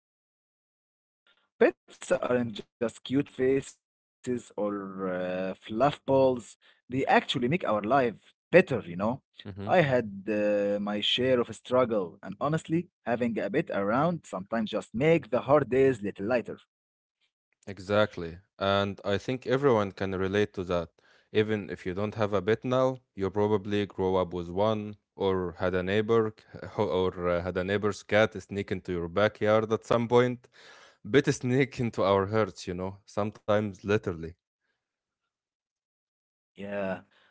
start this podcast because, well, pets aren't just cute faces or fluff balls. They actually make our life better, I hmm had my share of struggle, and honestly, having a pet around sometimes just make the hard days little lighter. Exactly. And I think everyone can relate to that. Even if you don't have a bit now, you probably grow up with one or had a neighbor or had a neighbor's cat sneak into your backyard at some point. Bit sneak into our hearts, you know, sometimes literally. Yeah.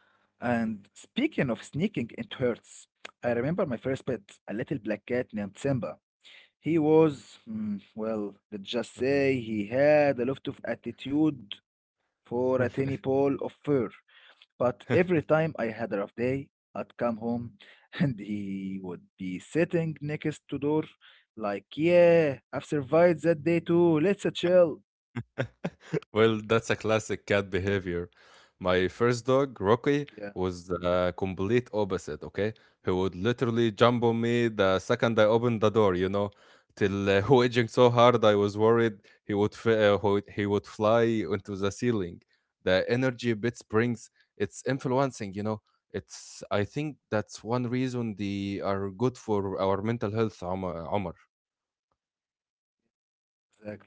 And speaking of sneaking, it hurts. I remember my first pet, a little black cat named Simba. He was, well, let's just Mhm. say he had a lot of attitude for a tiny ball of fur. But every time I had a rough day, I'd come home and he would be sitting next to door, like, yeah, I've survived that day too. Let's chill. Well, that's a classic cat behavior. My first dog, Yeah. Rocky, was the complete opposite, okay? He would literally jump on me the second I opened the door, you know, till wedging so hard I was worried he would he would fly into the ceiling. The energy Bits brings, it's influencing, you know. It's I think that's one reason they are good for our mental health, Omar. Omar. Exactly.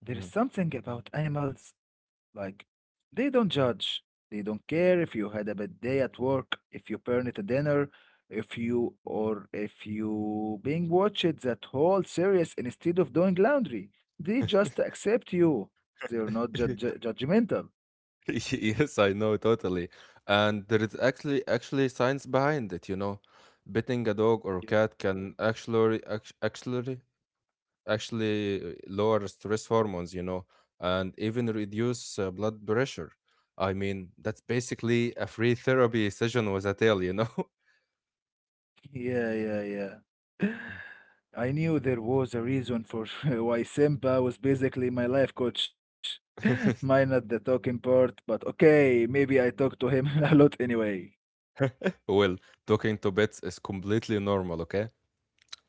There is Mhm. something about animals, like, they don't judge. They don't care if you had a bad day at work, if you burned a dinner, if you or if you being watched that whole series instead of doing laundry. They just accept you. They're not judge judgmental. Yes, I know totally. And there is actually science behind it, you know. Petting a dog or a cat can actually act- actually actually lower stress hormones, you know, and even reduce blood pressure. I mean, that's basically a free therapy session with a tail, you know. Yeah, yeah, yeah. I knew there was a reason for why Simba was basically my life coach. Mine at the talking part, but okay, maybe I talk to him a lot anyway. Well, talking to pets is completely normal, okay?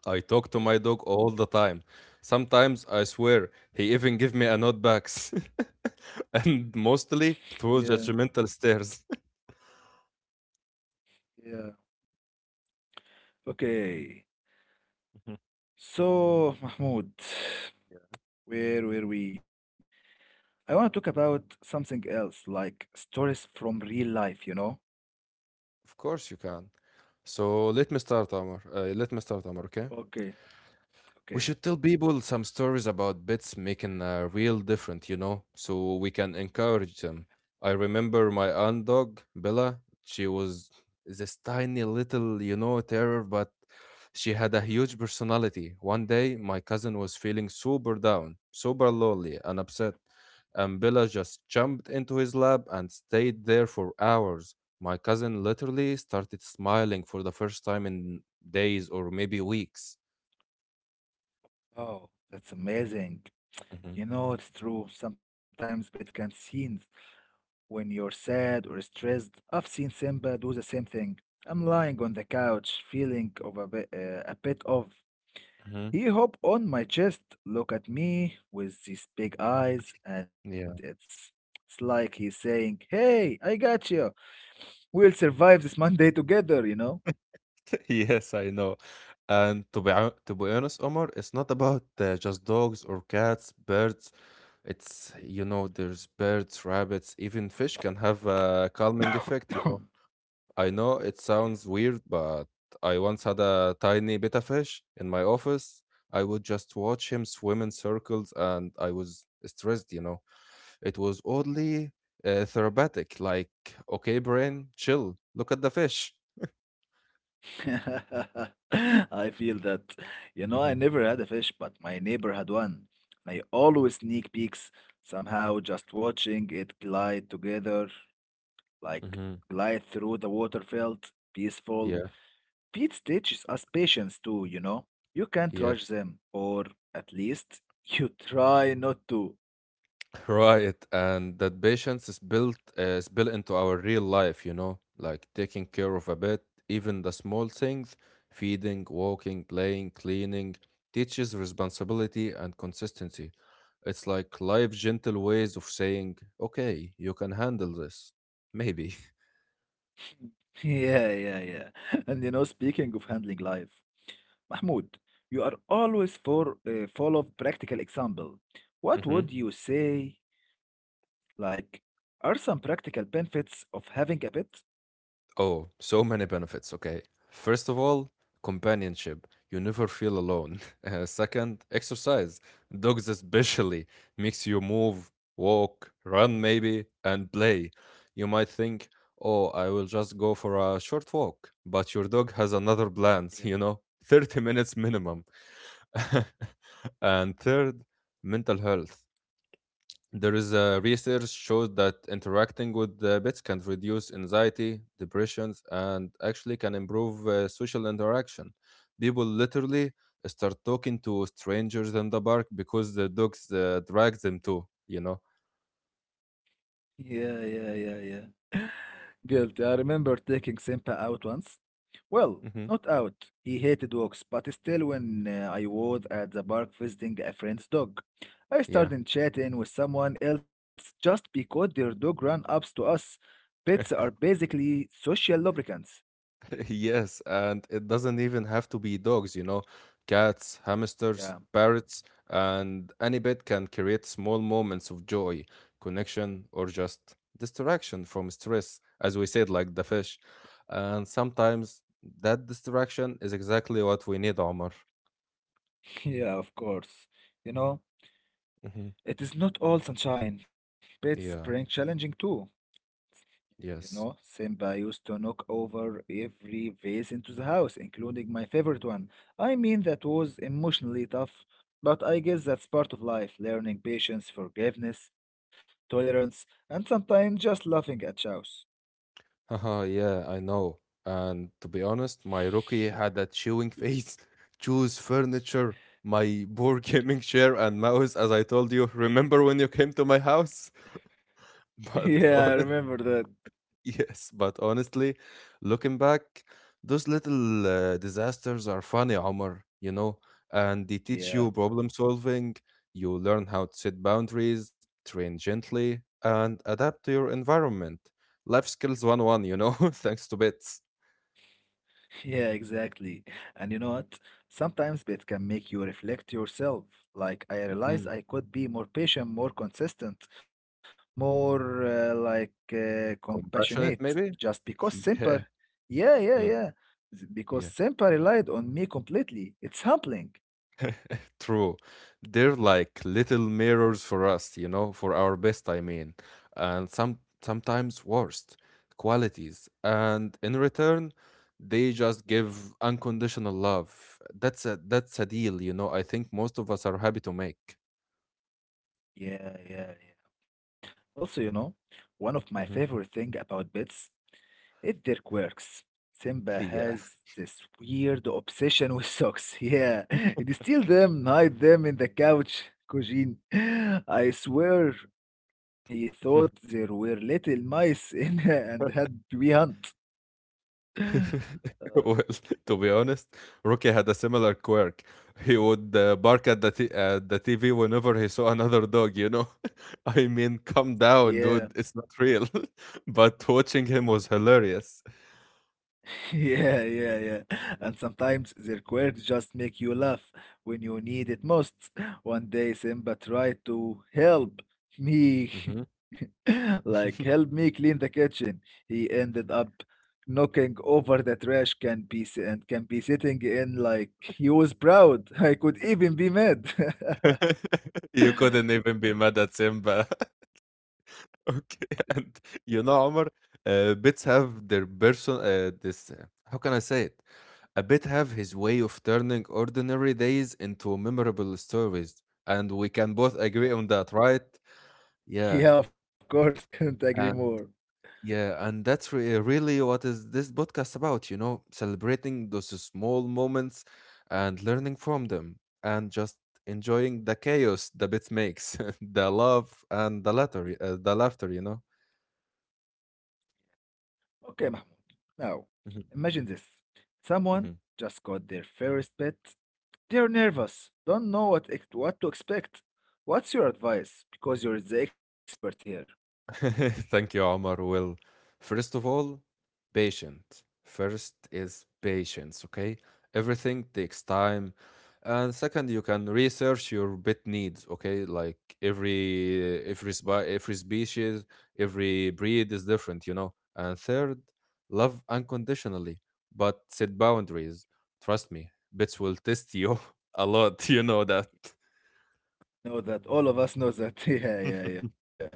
I talk to my Okay. dog all the time. Sometimes I swear he even give me a note back, and mostly through Yeah, judgmental stares. yeah. Okay. So, Mahmoud, where were we? I want to talk about something else, like stories from real life, you know? Of course you can. Let me start, Amar. Okay. Okay, We should tell okay. people some stories about bits making a real difference, you know, so we can encourage them. I remember my aunt dog, Bella. She was this tiny little, you know, terror, but she had a huge personality. One day, my cousin was feeling super down, super lonely, and upset. Yeah. And Bella just jumped into his lap and stayed there for hours. My cousin literally started smiling for the first time in days or maybe weeks. Oh, that's amazing. Mhm, You know, it's true. Sometimes bad can scenes when you're sad or stressed. I've seen Simba do the same thing. I'm lying on the couch, feeling of a bit of. mhm. He hop on my chest, look at me with these big eyes, and Yeah. it's like he's saying, "Hey, I got you. We'll survive this Monday together." You know. Yes, I know. And to be to be honest, Omar, it's not about just dogs or cats, birds. It's You know, there's birds, rabbits, even fish can have a calming effect, you know. I know it Yeah. sounds weird, but I once had a tiny betta fish in my office. I would just watch him swim in circles and I was stressed, you know. It was oddly therapeutic, like, okay, brain, chill, look at the fish. I feel that. You know, I hmm never had a fish, but my neighbor had one. And I always sneak peeks, somehow just watching it glide together, like hmm glide through the water felt peaceful. Yeah. Pete teaches us patience too, you know. You can't rush Yes, them, or at least you try not to. right. And that patience is built into our real life, you know, like taking care of a pet, even the small things, feeding, walking, playing, cleaning, teaches responsibility and consistency. It's like life gentle ways of saying, okay, you can handle this. Maybe. Yeah, yeah, yeah. And you know, speaking of handling life, Mahmoud, you are always for full of practical example. What would you say? Like, are some practical benefits of having a pet? Oh, so many benefits. Okay. First of all, companionship. You never feel alone. Second, exercise. Dogs especially makes you move, walk, run maybe, and play. You might think, "Oh, I will just go for a short walk," but your dog has another Yeah, plans, you know, 30 minutes minimum. And third, mental health. There is a research shows that interacting with the pets can reduce anxiety, depressions, and actually can improve social interaction. People literally start talking to strangers in the park because the dogs drag them to, you know? yeah, yeah, yeah, yeah. Guilty. I remember taking Simpa out once. Well, hmm not out. He hated walks, but still, when I was at the park visiting a friend's dog, I Yeah. started chatting with someone else just because their dog ran up to us. Pets are basically social lubricants. Yes, and it doesn't even have to be dogs, you know. Cats, hamsters, Yeah. parrots, and any pet can create small moments of joy, connection, or just distraction from stress, as we said, like the fish. And sometimes that distraction is exactly what we need, Omar. Yeah, of course. You know, hmm it is not all sunshine. Pets spring Yeah, challenging too. You know, yes. Simba used to knock over every vase into the house, including my favorite one. I mean, that was emotionally tough, but I guess that's part of life, learning patience, forgiveness, tolerance, and sometimes just laughing at chows. Haha, yeah, I know. And to be honest, my rookie had a chewing face, choose furniture, my poor gaming chair and mouse, as I told you. Remember when you came to my house? But Yeah, I honest, remember that. yes, but honestly, looking back, those little disasters are funny, Omar, you know, and they teach you Yeah. problem solving. You learn how to set boundaries, train gently, and adapt to your environment. Life skills 101, you know, thanks to bits. Yeah, exactly. And you know what? Sometimes it can make you reflect yourself. Like, I Mhm. realize I could be more patient, more consistent, more like Compassionate, compassionate maybe? just because Yeah. Simper. Yeah, Mm, yeah, yeah. Yeah. Because Simper relied on me completely. It's humbling. True. They're like little mirrors for us, you know, for our best, I mean, and sometimes worst qualities. And in return, they just give unconditional love. That's a deal, you know, I think most of us are happy to make. Yeah, yeah, yeah. Also, you know, one of my Mhm. favorite thing about bits It Dirk works. Simba Yeah. has this weird obsession with socks. Yeah, he'd steal them, hide them in the couch, Kojin. I swear he thought there were little mice in and had we hunt. Uh, Well, to be honest, Rocky had a similar quirk. He would bark at the t- at the TV whenever he saw another dog. You know, I mean, calm yeah. down, dude. It's not real. But watching him was hilarious. Yeah, yeah, yeah. And sometimes their quirks just make you laugh when you need it most. One day Simba tried to help Mhm. me, like help me clean the kitchen. He ended up knocking over the trash can piece and can be sitting in like he was proud. I could even be mad. You couldn't even be mad at Simba. Okay, and you know, Omar, bits have their person. This how can I say it? A bit have his way of turning ordinary days into memorable stories, and we can both Yeah. agree on that, right? Yeah, Yeah, of course, couldn't agree more. and yeah, and that's really what is this podcast about. You know, celebrating those small moments and learning from them, and just enjoying the chaos the bit makes, the love and the laughter. You know. Okay, Mahmoud. Now, Mhm, imagine this. Someone mhm. just got their first pet. They're nervous, don't know what, what to expect. What's your advice? Because you're the expert here. Thank you, Omar. Well, first of all, patient. First is patience, okay? Everything takes time. And second, you can research your pet needs, okay? Like every species, every breed is different, you know. And third, love unconditionally, but set boundaries. Trust me, pets will test you a lot, you know that. Know that all of us know that. Yeah, yeah, yeah.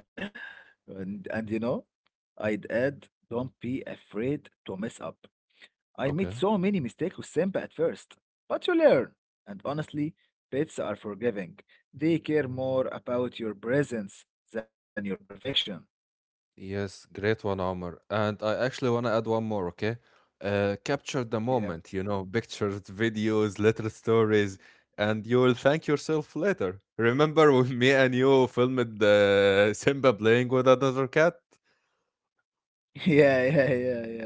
And you know, I'd add, don't be afraid to mess up. I made Okay. so many mistakes with Simba at first, but you learn. And honestly, pets are forgiving. They care more about your presence than your perfection. Yes, great one, Omar. And I actually want to add one more, okay? Capture the Yeah. moment, you know, pictures, videos, little stories, and you will thank yourself later. Remember when me and you filmed the Simba playing with another cat? Yeah, yeah, yeah, yeah.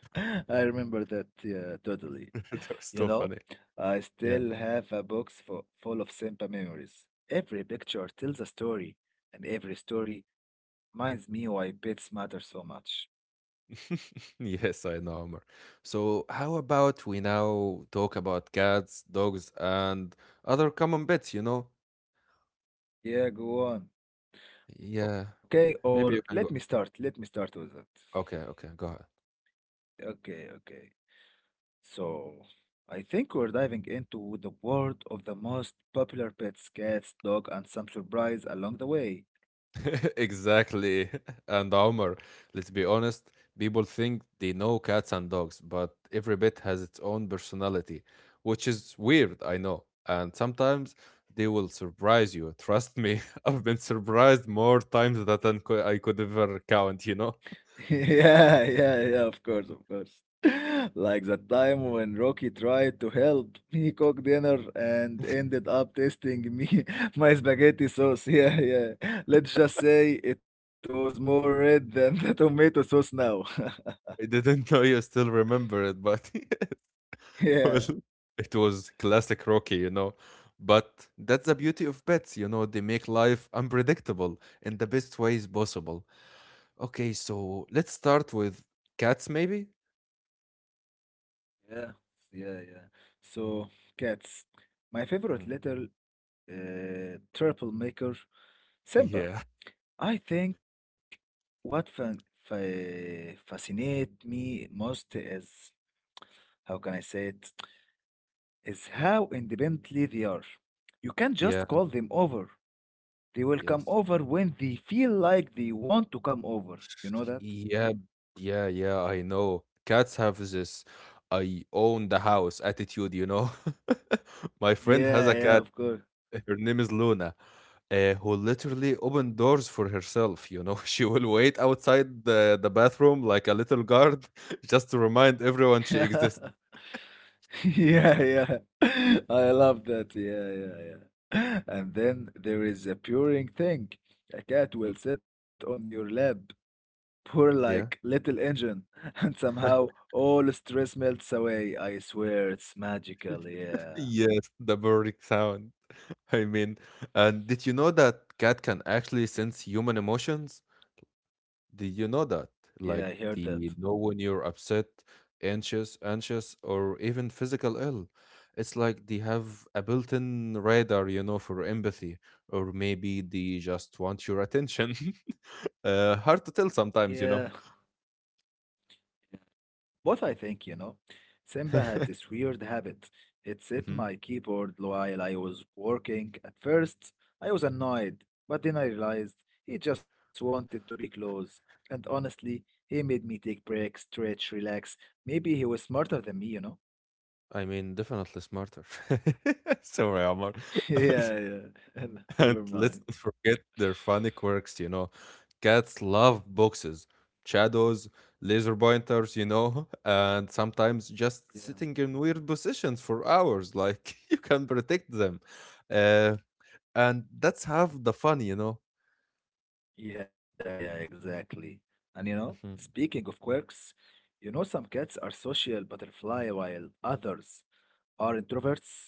I, I remember that. Yeah, totally. That was You so know, funny. I Yeah. still have a box full of Simba memories. Every picture tells a story, and every story reminds me why pets matter so much. Yes, I know, Omar. So, how about we now talk about cats, dogs, and other common pets, you know? Yeah, go on. Yeah. Okay, Maybe you or can go. let me start. Let me start with it. Okay, okay, go ahead. Okay, okay. So, I think we're diving into the world of the most popular pets, cats, dog, and some surprise along the way. Exactly. And Omar, let's be honest, people think they know cats and dogs, but every bit has its own personality, which is weird, I know. And sometimes they will surprise you. Trust me, I've been surprised more times than I could ever count, you know? Yeah, yeah, yeah, of course, of course. Like that time when Rocky tried to help me cook dinner and ended up tasting me my spaghetti sauce. Yeah, yeah. Let's just say it was more red than the tomato sauce now. I didn't know you still remember it, but well, Yeah, it was classic Rocky, you know? But that's the beauty yeah, of pets, you know, they make life unpredictable in the best ways possible. Okay, so let's start with cats, maybe? yeah, yeah, yeah. So, cats. My favorite Mm. little turtle maker, Simba. Yeah. I think what fascinate me most is how can I say it is how independently they are. You can't just Yeah, call them over. They will come yes. over when they feel like they want to come over. You know that? Yeah, yeah, I know. Cats have this I own the house attitude, you know? My friend has Yeah, a yeah, cat. of course. Her name is Luna, who literally opened doors for herself, you know? She will wait outside the bathroom like a little guard just to remind everyone she Yeah, exists. yeah, yeah. I love that. Yeah, yeah, yeah. And then there is a purring thing. A cat will Mhm. sit on your lap poor like Yeah. little engine, and somehow all stress melts away. I swear it's magical. Yeah, Yes, the purring sound. I mean, and did you know that cat can actually sense human emotions? Did you know that? yeah, I Like heard that. they know when you're upset, anxious, or even physical ill. It's like they have a built-in radar, you know, for empathy, or maybe they just want your attention. Hard to tell Yeah, sometimes, you know. but I think, you know, Simba had this weird habit. It hit Mhm. my keyboard while I was working. At first, I was annoyed, but then I realized he just wanted to be close. And honestly, he made me take breaks, stretch, relax. Maybe he was smarter than me, you know? I mean, definitely smarter. Sorry, Omar. Yeah, yeah. And Never let's mind. not forget their funny quirks, you know. Cats love boxes, shadows, laser pointers, you know, and sometimes Yeah. just sitting in weird positions for hours, like you can protect them. Uh, and that's half the fun, you know. Yeah, yeah, exactly. And you know, Mhm. speaking of quirks, you know, some cats are social butterfly while others are introverts.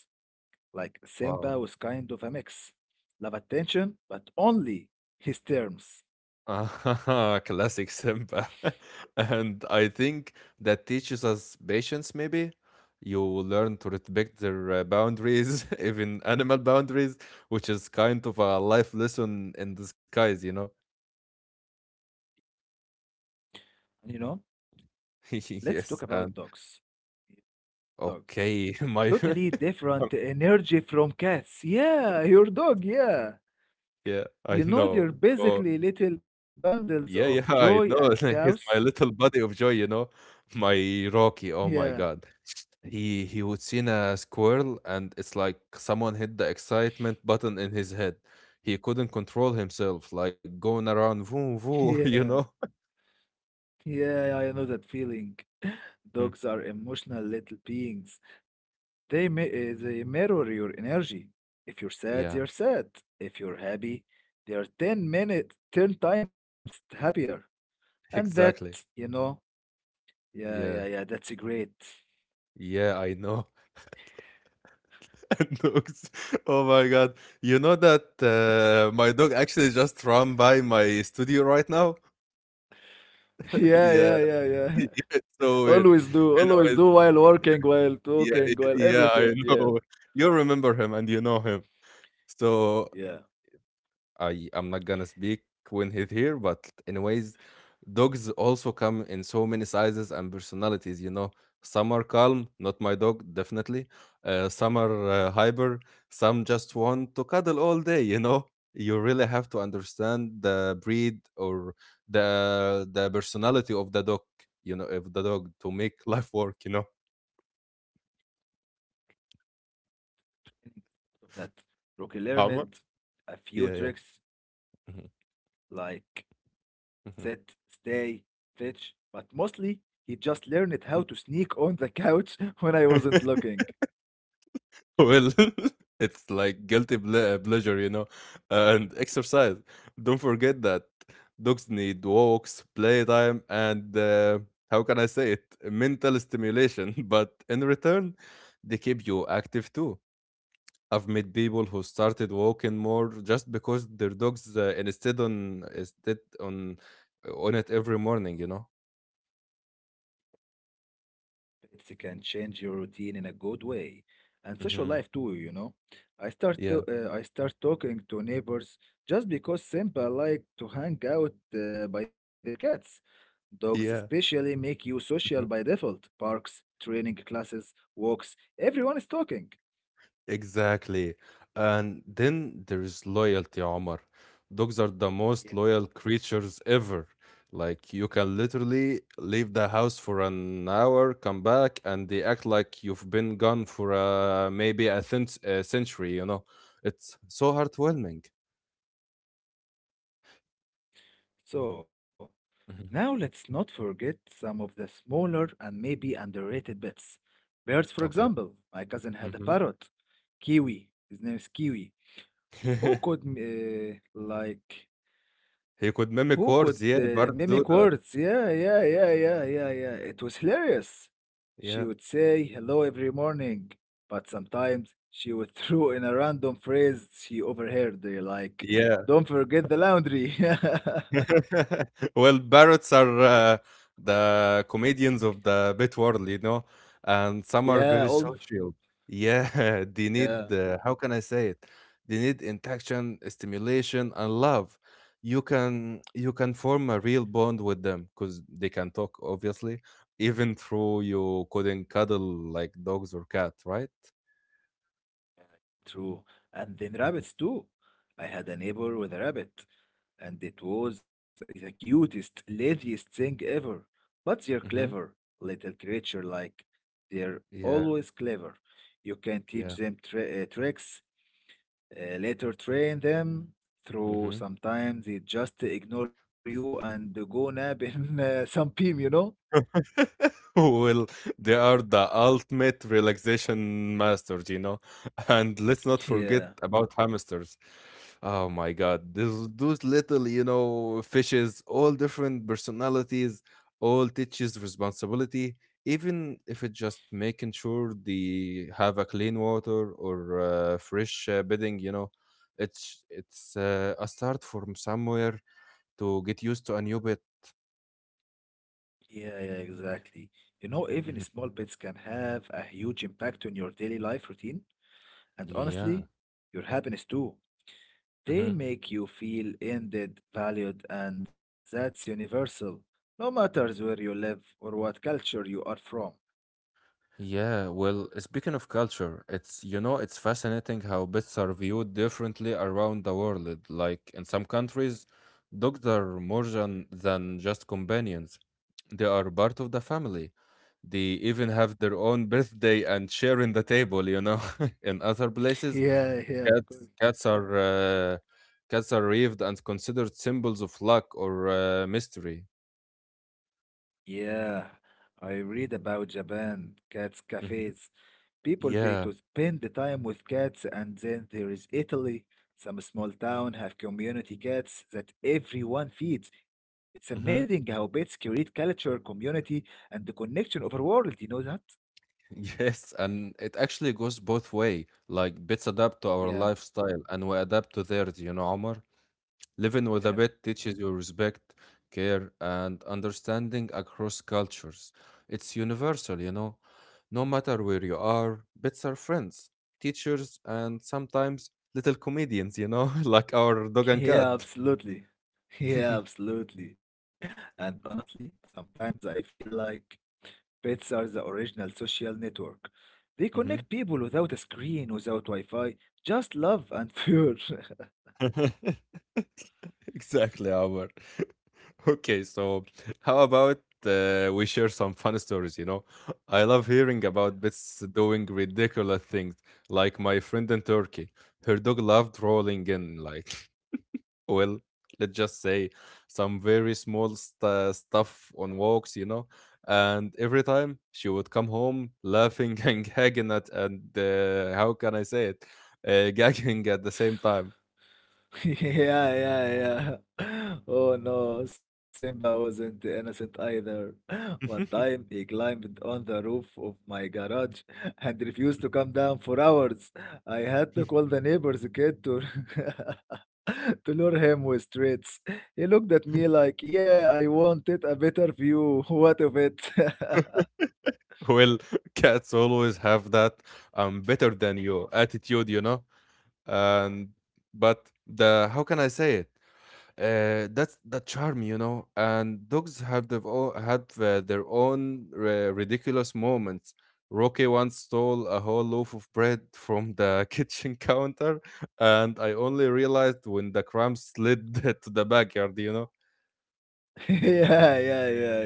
Like Simba Wow. was kind of a mix. Love attention, but only his terms. Ah, classic Simba. And I think that teaches us patience, maybe. You learn to respect their boundaries, even animal boundaries, which is kind of a life lesson in disguise, you know? And you know, let's talk Yes. about And dogs. Dogs. okay, my. Totally different energy from cats. Yeah, your dog, yeah. Yeah, You I know, they're know. basically So, little bundles of yeah, joy I and know. chaos. He's my little buddy of joy, you know? My Rocky. Oh Yeah, my God. He would seen a squirrel and it's like someone hit the excitement button in his head. He couldn't control himself, like going around voo yeah. voo, you know? Yeah, I know that feeling. Dogs are Mhm. emotional little beings. They mirror your energy. If you're sad, Yeah, they're sad. If you're happy, they are 10 minutes, ten times happier. And that, you exactly. know, yeah, yeah, yeah, Yeah. that's great. Yeah, I know. And dogs. Oh my god. You know that my dog actually just ran by my studio right now? Yeah, yeah, Yeah. yeah, yeah. Yeah, it's so weird. Always Anyways, do while working, while yeah, talking, while yeah, I everything. Yeah, know. You remember him and you know him. yeah, So yeah. I am not gonna speak when he's here, but anyways, dogs also come in so many sizes and personalities. You know, some are calm, not my dog, definitely. Some are hyper. Some just want to cuddle all day. You know, you really have to understand the breed or the personality of the dog. You know, of the dog to make life work. You know, That Rocky Amr? learned a few Yeah, yeah. tricks Mhm, like mhm. sit, stay, fetch, but mostly he just learned how to sneak on the couch when I wasn't looking. Well, it's like guilty pleasure, and exercise. Don't forget that dogs need walks, playtime, and how can I say it? Mental stimulation. But in return, they keep you active too. I've met people who started walking more just because their dogs instead on it every morning. Pets can change your routine in a good way, and social Hmm. life too. You know, Yeah. I start talking to neighbors just because simple like to hang out by their cats. Dogs Yeah. especially make you social by default. Parks, training classes, walks, everyone is talking. Exactly. And then there is loyalty, Omar. Dogs are the most Yeah. loyal creatures ever. Like, you can literally leave the house for an hour, come back, and they act like you've been gone for maybe a century. It's so heartwarming. So Mhm. now let's not forget some of the smaller and maybe underrated pets. Birds, for Okay. example, my cousin had a Hmm. parrot, Kiwi. His name is Kiwi Who could m- uh, like He could mimic who words. could Yeah, birds do mimic that. words? Yeah, yeah, yeah, yeah, yeah, yeah. It was hilarious. She Yeah. would say hello every morning, but sometimes she would throw in a random phrase she overheard, like Yeah. "Don't forget the laundry." Well, parrots are the comedians of the bit world, and some are yeah, very all social. Yeah, they need, yeah, how can I say it? They need interaction, stimulation, and love. You can form a real bond with them because they can talk, obviously, even through you couldn't cuddle like dogs or cat, right? true. And then rabbits too. I had a neighbor with a rabbit. And it was the cutest, laziest thing ever. But they're Mm-hmm. clever, little creature like. They're Yeah, always clever. You can yeah. teach them tricks, later train them through. Hmm. Sometimes they just ignore you and go nap in some beam, you know? Well, they are the ultimate relaxation masters. And let's not forget Yeah, about hamsters. Oh my y- God, those little, fishes, all different personalities, all teaches responsibility. Even if it's just making sure they have a clean water or fresh bedding, it's it's a start from somewhere to get used to a new bit. yeah, yeah, exactly. You know, Mhm. even small bits can have a huge impact on your daily life routine, and Yeah. honestly, your happiness too. They make you feel ended, valued, and that's universal, no matters where you live or what culture you are from. Yeah, well, speaking of culture, it's fascinating how pets are viewed differently around the world. Like in some countries, dogs are more than just companions. They are part of the family. They even have their own birthday and share in the table. In other places, Yeah, yeah, cats of course. cats are uh, cats are revered and considered symbols of luck or mystery. Yeah, I read about Japan, cats Mhm. cafes, people pay Yeah. to spend the time with cats, and then there is Italy. Some small town have community cats that everyone feeds. It's amazing Mhm. how pets create culture, community, and the connection of our world. You know that? Yes, and it actually goes both way. Like bits adapt to our Yeah, lifestyle and we adapt to theirs, Omar. Living with a yeah, pet teaches you respect, care, and understanding across cultures. It's universal. No matter where you are, bits are friends, teachers, and sometimes little comedians, like our dog and yeah, cat. absolutely. Yeah, absolutely. And honestly, sometimes I feel like pets are the original social network. They connect Mhm. people without a screen, without Wi-Fi, just love and fear. Exactly, Amar. Okay, so how about we share some fun stories. I love hearing Yeah. about pets doing ridiculous things, like my friend in Turkey. Her dog loved rolling in, like, well, let's just say some very small st stuff on walks. And every time she would come home laughing and gagging at, and how can I say it? Gagging at the same time. Yeah. Yeah, yeah, Oh no, Simba wasn't innocent either. One time he climbed on the roof of my garage and refused to come down for hours. I had to call the neighbor's kid to, to lure him with treats. He looked at me like, "Yeah, I wanted a better view. What of it?" Well, cats always have that "I'm better than you" attitude. And but the how can I say it? That's the charm. And dogs have their own ridiculous moments. Rocky once stole a whole loaf of bread from the kitchen counter, and I only realized when the crumbs slid to the backyard. yeah, yeah, yeah,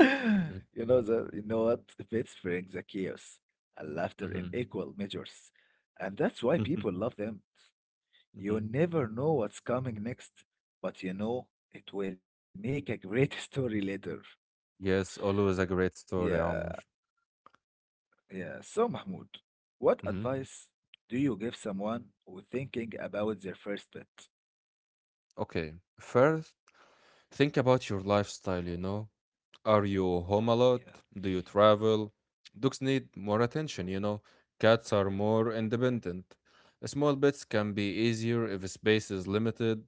yeah. You know what? Pets bring the chaos and Mm-hmm. laughter in equal measures. And that's why people love them. You never know what's coming next, but you know it will make a great story later. Yes, always a great story, amor. Yeah, yeah. So Mahmoud, what advice do you give someone who thinking about their first pet? Okay, first, think about your lifestyle. Are you home a lot? Yeah. Do you travel? Dogs need more attention. Cats are more independent. Small pets can be easier if space is limited.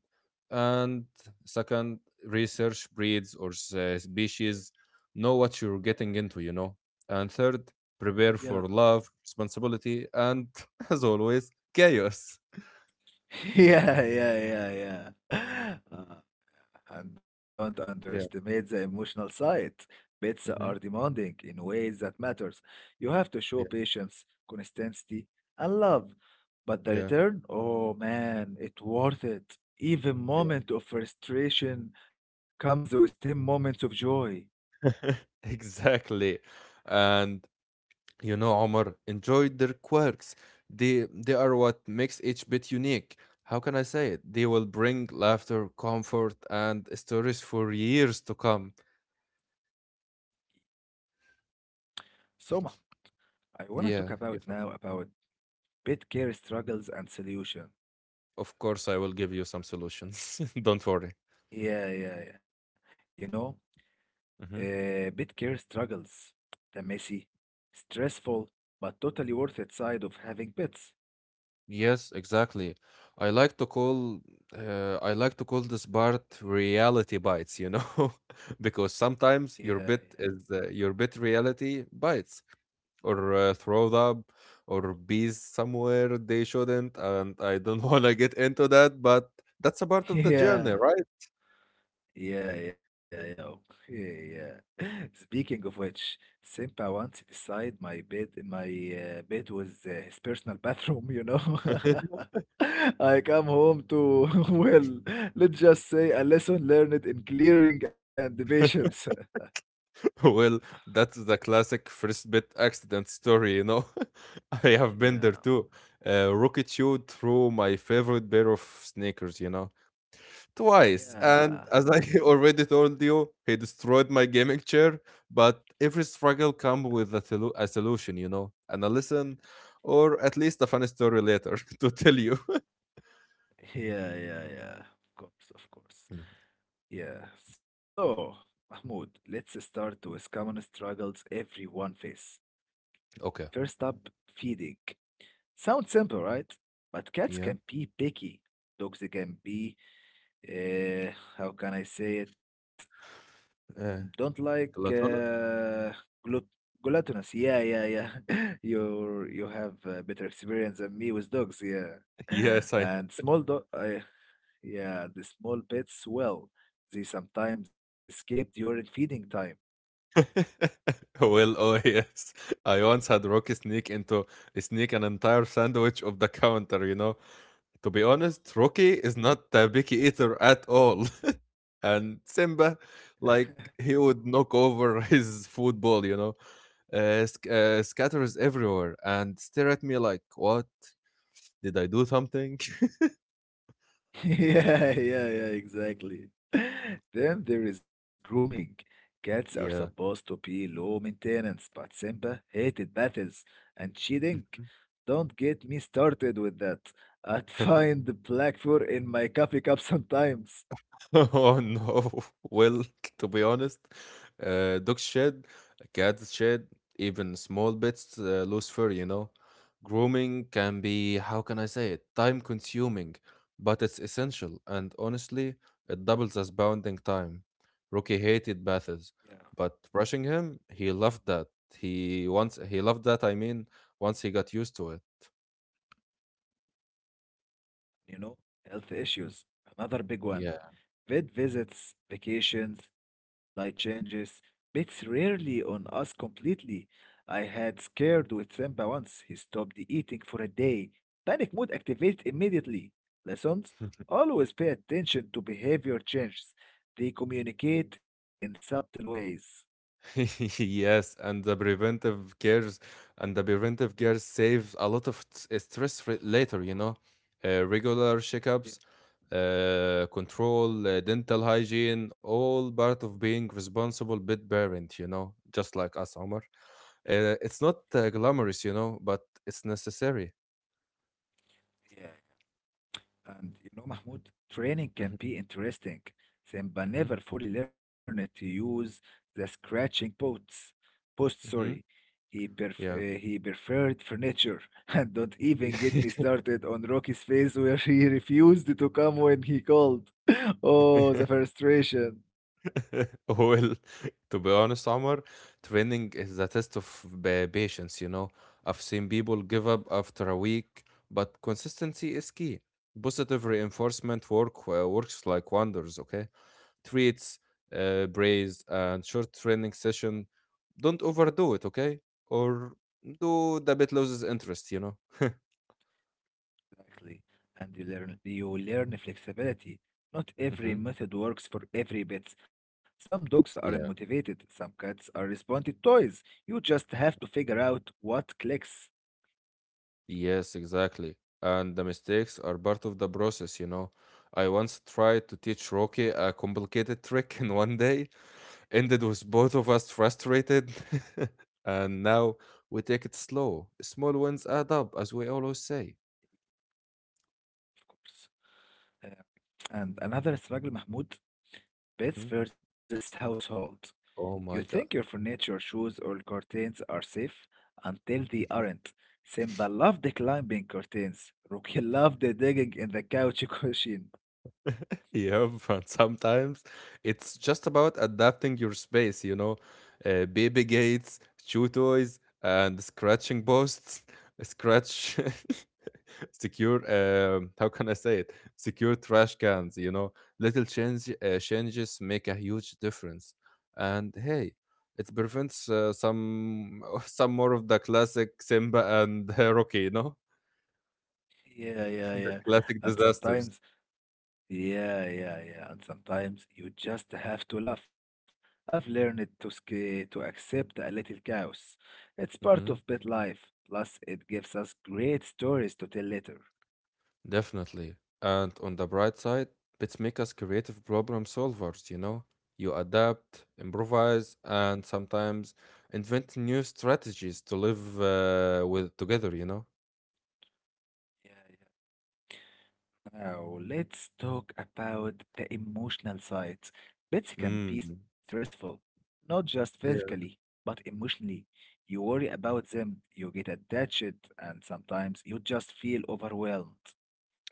And second, research breeds or species. Know what you're getting into. And third, prepare Yeah. for love, responsibility, and as always, chaos. Yeah, yeah, yeah, yeah. And don't Yeah. underestimate the emotional side. Pets are Hmm. demanding in ways that matters. You have to show Yeah. patience, consistency, and love. But the Yeah. return, oh man, it's worth it. Even moment of frustration comes with 10 moments of joy. Exactly. And you know, Omar, enjoy their quirks. They are what makes each bit unique. How can I say it? They will bring laughter, comfort, and stories for years to come. So Mah, I want to talk Yeah, about you now about pet care struggles and solution. of course I will give you some solutions. Don't worry. Yeah, yeah, yeah. You know, Mhm. Pet care struggles the messy, stressful, but totally worth it side of having pets. Yes, exactly. I like to call I like to call this part reality bites, because Yeah, sometimes your bit reality bites or throw up or be somewhere they shouldn't and I don't want to get into that but that's a part yeah, of the journey yeah, right yeah, yeah, yeah, okay, yeah. Speaking of which, Simpa once decided my bed, my bed was his personal bathroom. You know, I come home to, well, let's just say a lesson learned in clearing and patience. well that's the classic first bit accident story. I have been there Yeah, too rocket shoot through my favorite pair of sneakers. Twice, and yeah. as I already told you, he destroyed my gaming chair. But every struggle comes with a solution, and a lesson, or at least a funny story later to tell you. Yeah, yeah, yeah. Of course, of course. Mm. Yeah. So, Mahmoud, let's start with common struggles everyone face. Okay. First up, feeding. Sounds simple, right? But cats Yeah. can be picky. Dogs can be, uh, how can I say it? Mm, Uh, don't like Latona? Glut glutinous. Yeah, yeah, yeah. You have better experience than me with dogs. Yeah. Yes, I. And small dog. Yeah, the small pets, well, they sometimes escape during feeding time. Well, oh yes. I once had Rocky sneak an entire sandwich of the counter, to be honest, Yeah, Rocky is not a picky eater at all. And Simba, like, he would knock over his food bowl, scatters everywhere and stare at me like, what? Did I do something? yeah, yeah, yeah, exactly. Then there is grooming. Cats are yeah. supposed to be low maintenance, but Simba hated battles and cheating. Don't get me started with that. I'd find the black fur in my coffee cup sometimes. Oh no. Well, to be honest, dogs shed, cats shed, even small bits lose fur. Grooming can be, how can I say it, time consuming, but it's essential, and honestly, it doubles as bounding time. Rocky hated baths, but brushing him, he loved that. He loved that, I mean, once he got used to it. You know, health issues, another big one. Yeah. Vet visits, vacations, diet changes, pets rarely on us completely. I had scared with Simba once. He stopped eating for a day. Panic mode activated immediately. Lessons always pay attention to behavior changes. They communicate in subtle ways. Yes, and the preventive care saves a lot of stress later, you know. Regular Yeah, checkups, control, dental hygiene, all part of being responsible pet parent, just like us, Omar. It's not glamorous, but it's necessary. yeah. And you know, Mahmoud, training can Hmm. be interesting, then but Hmm. never fully learned to use the scratching posts. Post, sorry. Hmm. Yeah. He preferred furniture, and don't even get me started on Rocky's face where he refused to come when he called. Oh, the frustration. Well, to be honest, Omar, training is the test of patience, you know. I've seen people give up after a week, but consistency is key. Positive reinforcement works like wonders, okay? Treats, praise, and short training session. Don't overdo it, okay? Or do the bit loses interest. Exactly. And you learn flexibility. Not every Mm-hmm. method works for every bit. Some dogs are motivated, some cats are responsive toys. You just have to figure out what clicks, Yes, exactly. And the mistakes are part of the process. I once tried to teach Rocky a complicated trick in one day, ended with both of us frustrated. And now we take it slow. Small wins add up, as we always say. of course. Uh, and another struggle, Mahmoud, pets Mhm. versus household. You Oh think my your God. furniture, shoes, or curtains are safe until they aren't. Simba loved climbing curtains. Rookie loved digging in the couch cushion. Yeah, but sometimes it's just about adapting your space, baby gates, chew toys, and scratching posts, scratch, secure, how can I say it? Secure trash cans, little changes make a huge difference. And hey, it prevents some some more of the classic Simba and Rocky, Yeah, yeah, the yeah. classic And disasters. sometimes Yeah, yeah, yeah. And sometimes you just have to laugh. I've learned to accept a little chaos. It's part of Mm-hmm. pet life. Plus, it gives us great stories to tell later. Definitely. And on the bright side, bits make us creative problem solvers, you know? You adapt, Yeah, improvise, and sometimes invent new strategies to live with together. yeah, yeah. Now, let's talk about the emotional sides. Pets can be Mm. stressful, not just physically, Yeah. but emotionally. You worry about them, you get attached, and sometimes you just feel overwhelmed.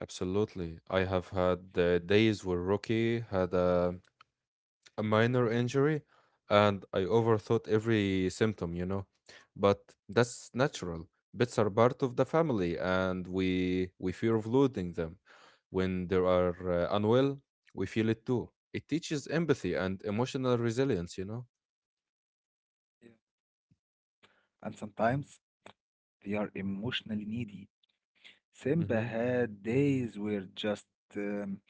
Absolutely. I have had days where Rocky had a minor injury and I overthought every symptom. But that's natural. Pets are part of the family and we fear of losing them. When they are unwell, we feel it too. It teaches empathy and emotional resilience. Yeah. And sometimes they are emotionally needy. Simba Hmm. had days where just um,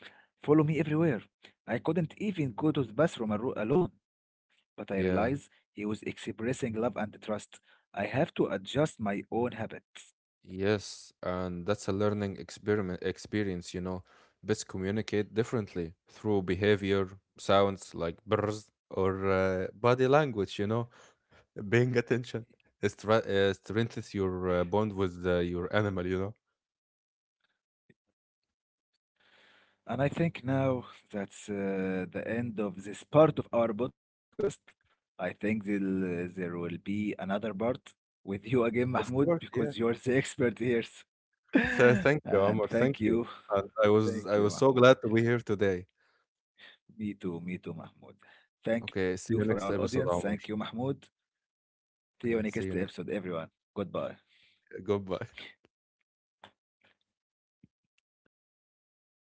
follow me everywhere. I couldn't even go to the bathroom alone. But I realized Yeah. he was expressing love and trust. I have to adjust my own habits. Yes, and that's a learning experiment experience, you know. Pets communicate differently through behavior, sounds like brrs, or body language. Paying attention strengthens your bond with your animal. And I think now that's the end of this part of our podcast. I think there will be another part with you again, Of course, Mahmoud, yeah. because you're the expert here. So thank you, Omar. and Thank you. thank you. And I was so Thank you, glad to be Mahmoud. here today. Me too, Mahmoud. Okay, Thank see you you for next our episode, audience. Omar. Thank you, Mahmoud. See Okay, you see you next next. episode, everyone. Goodbye. Goodbye.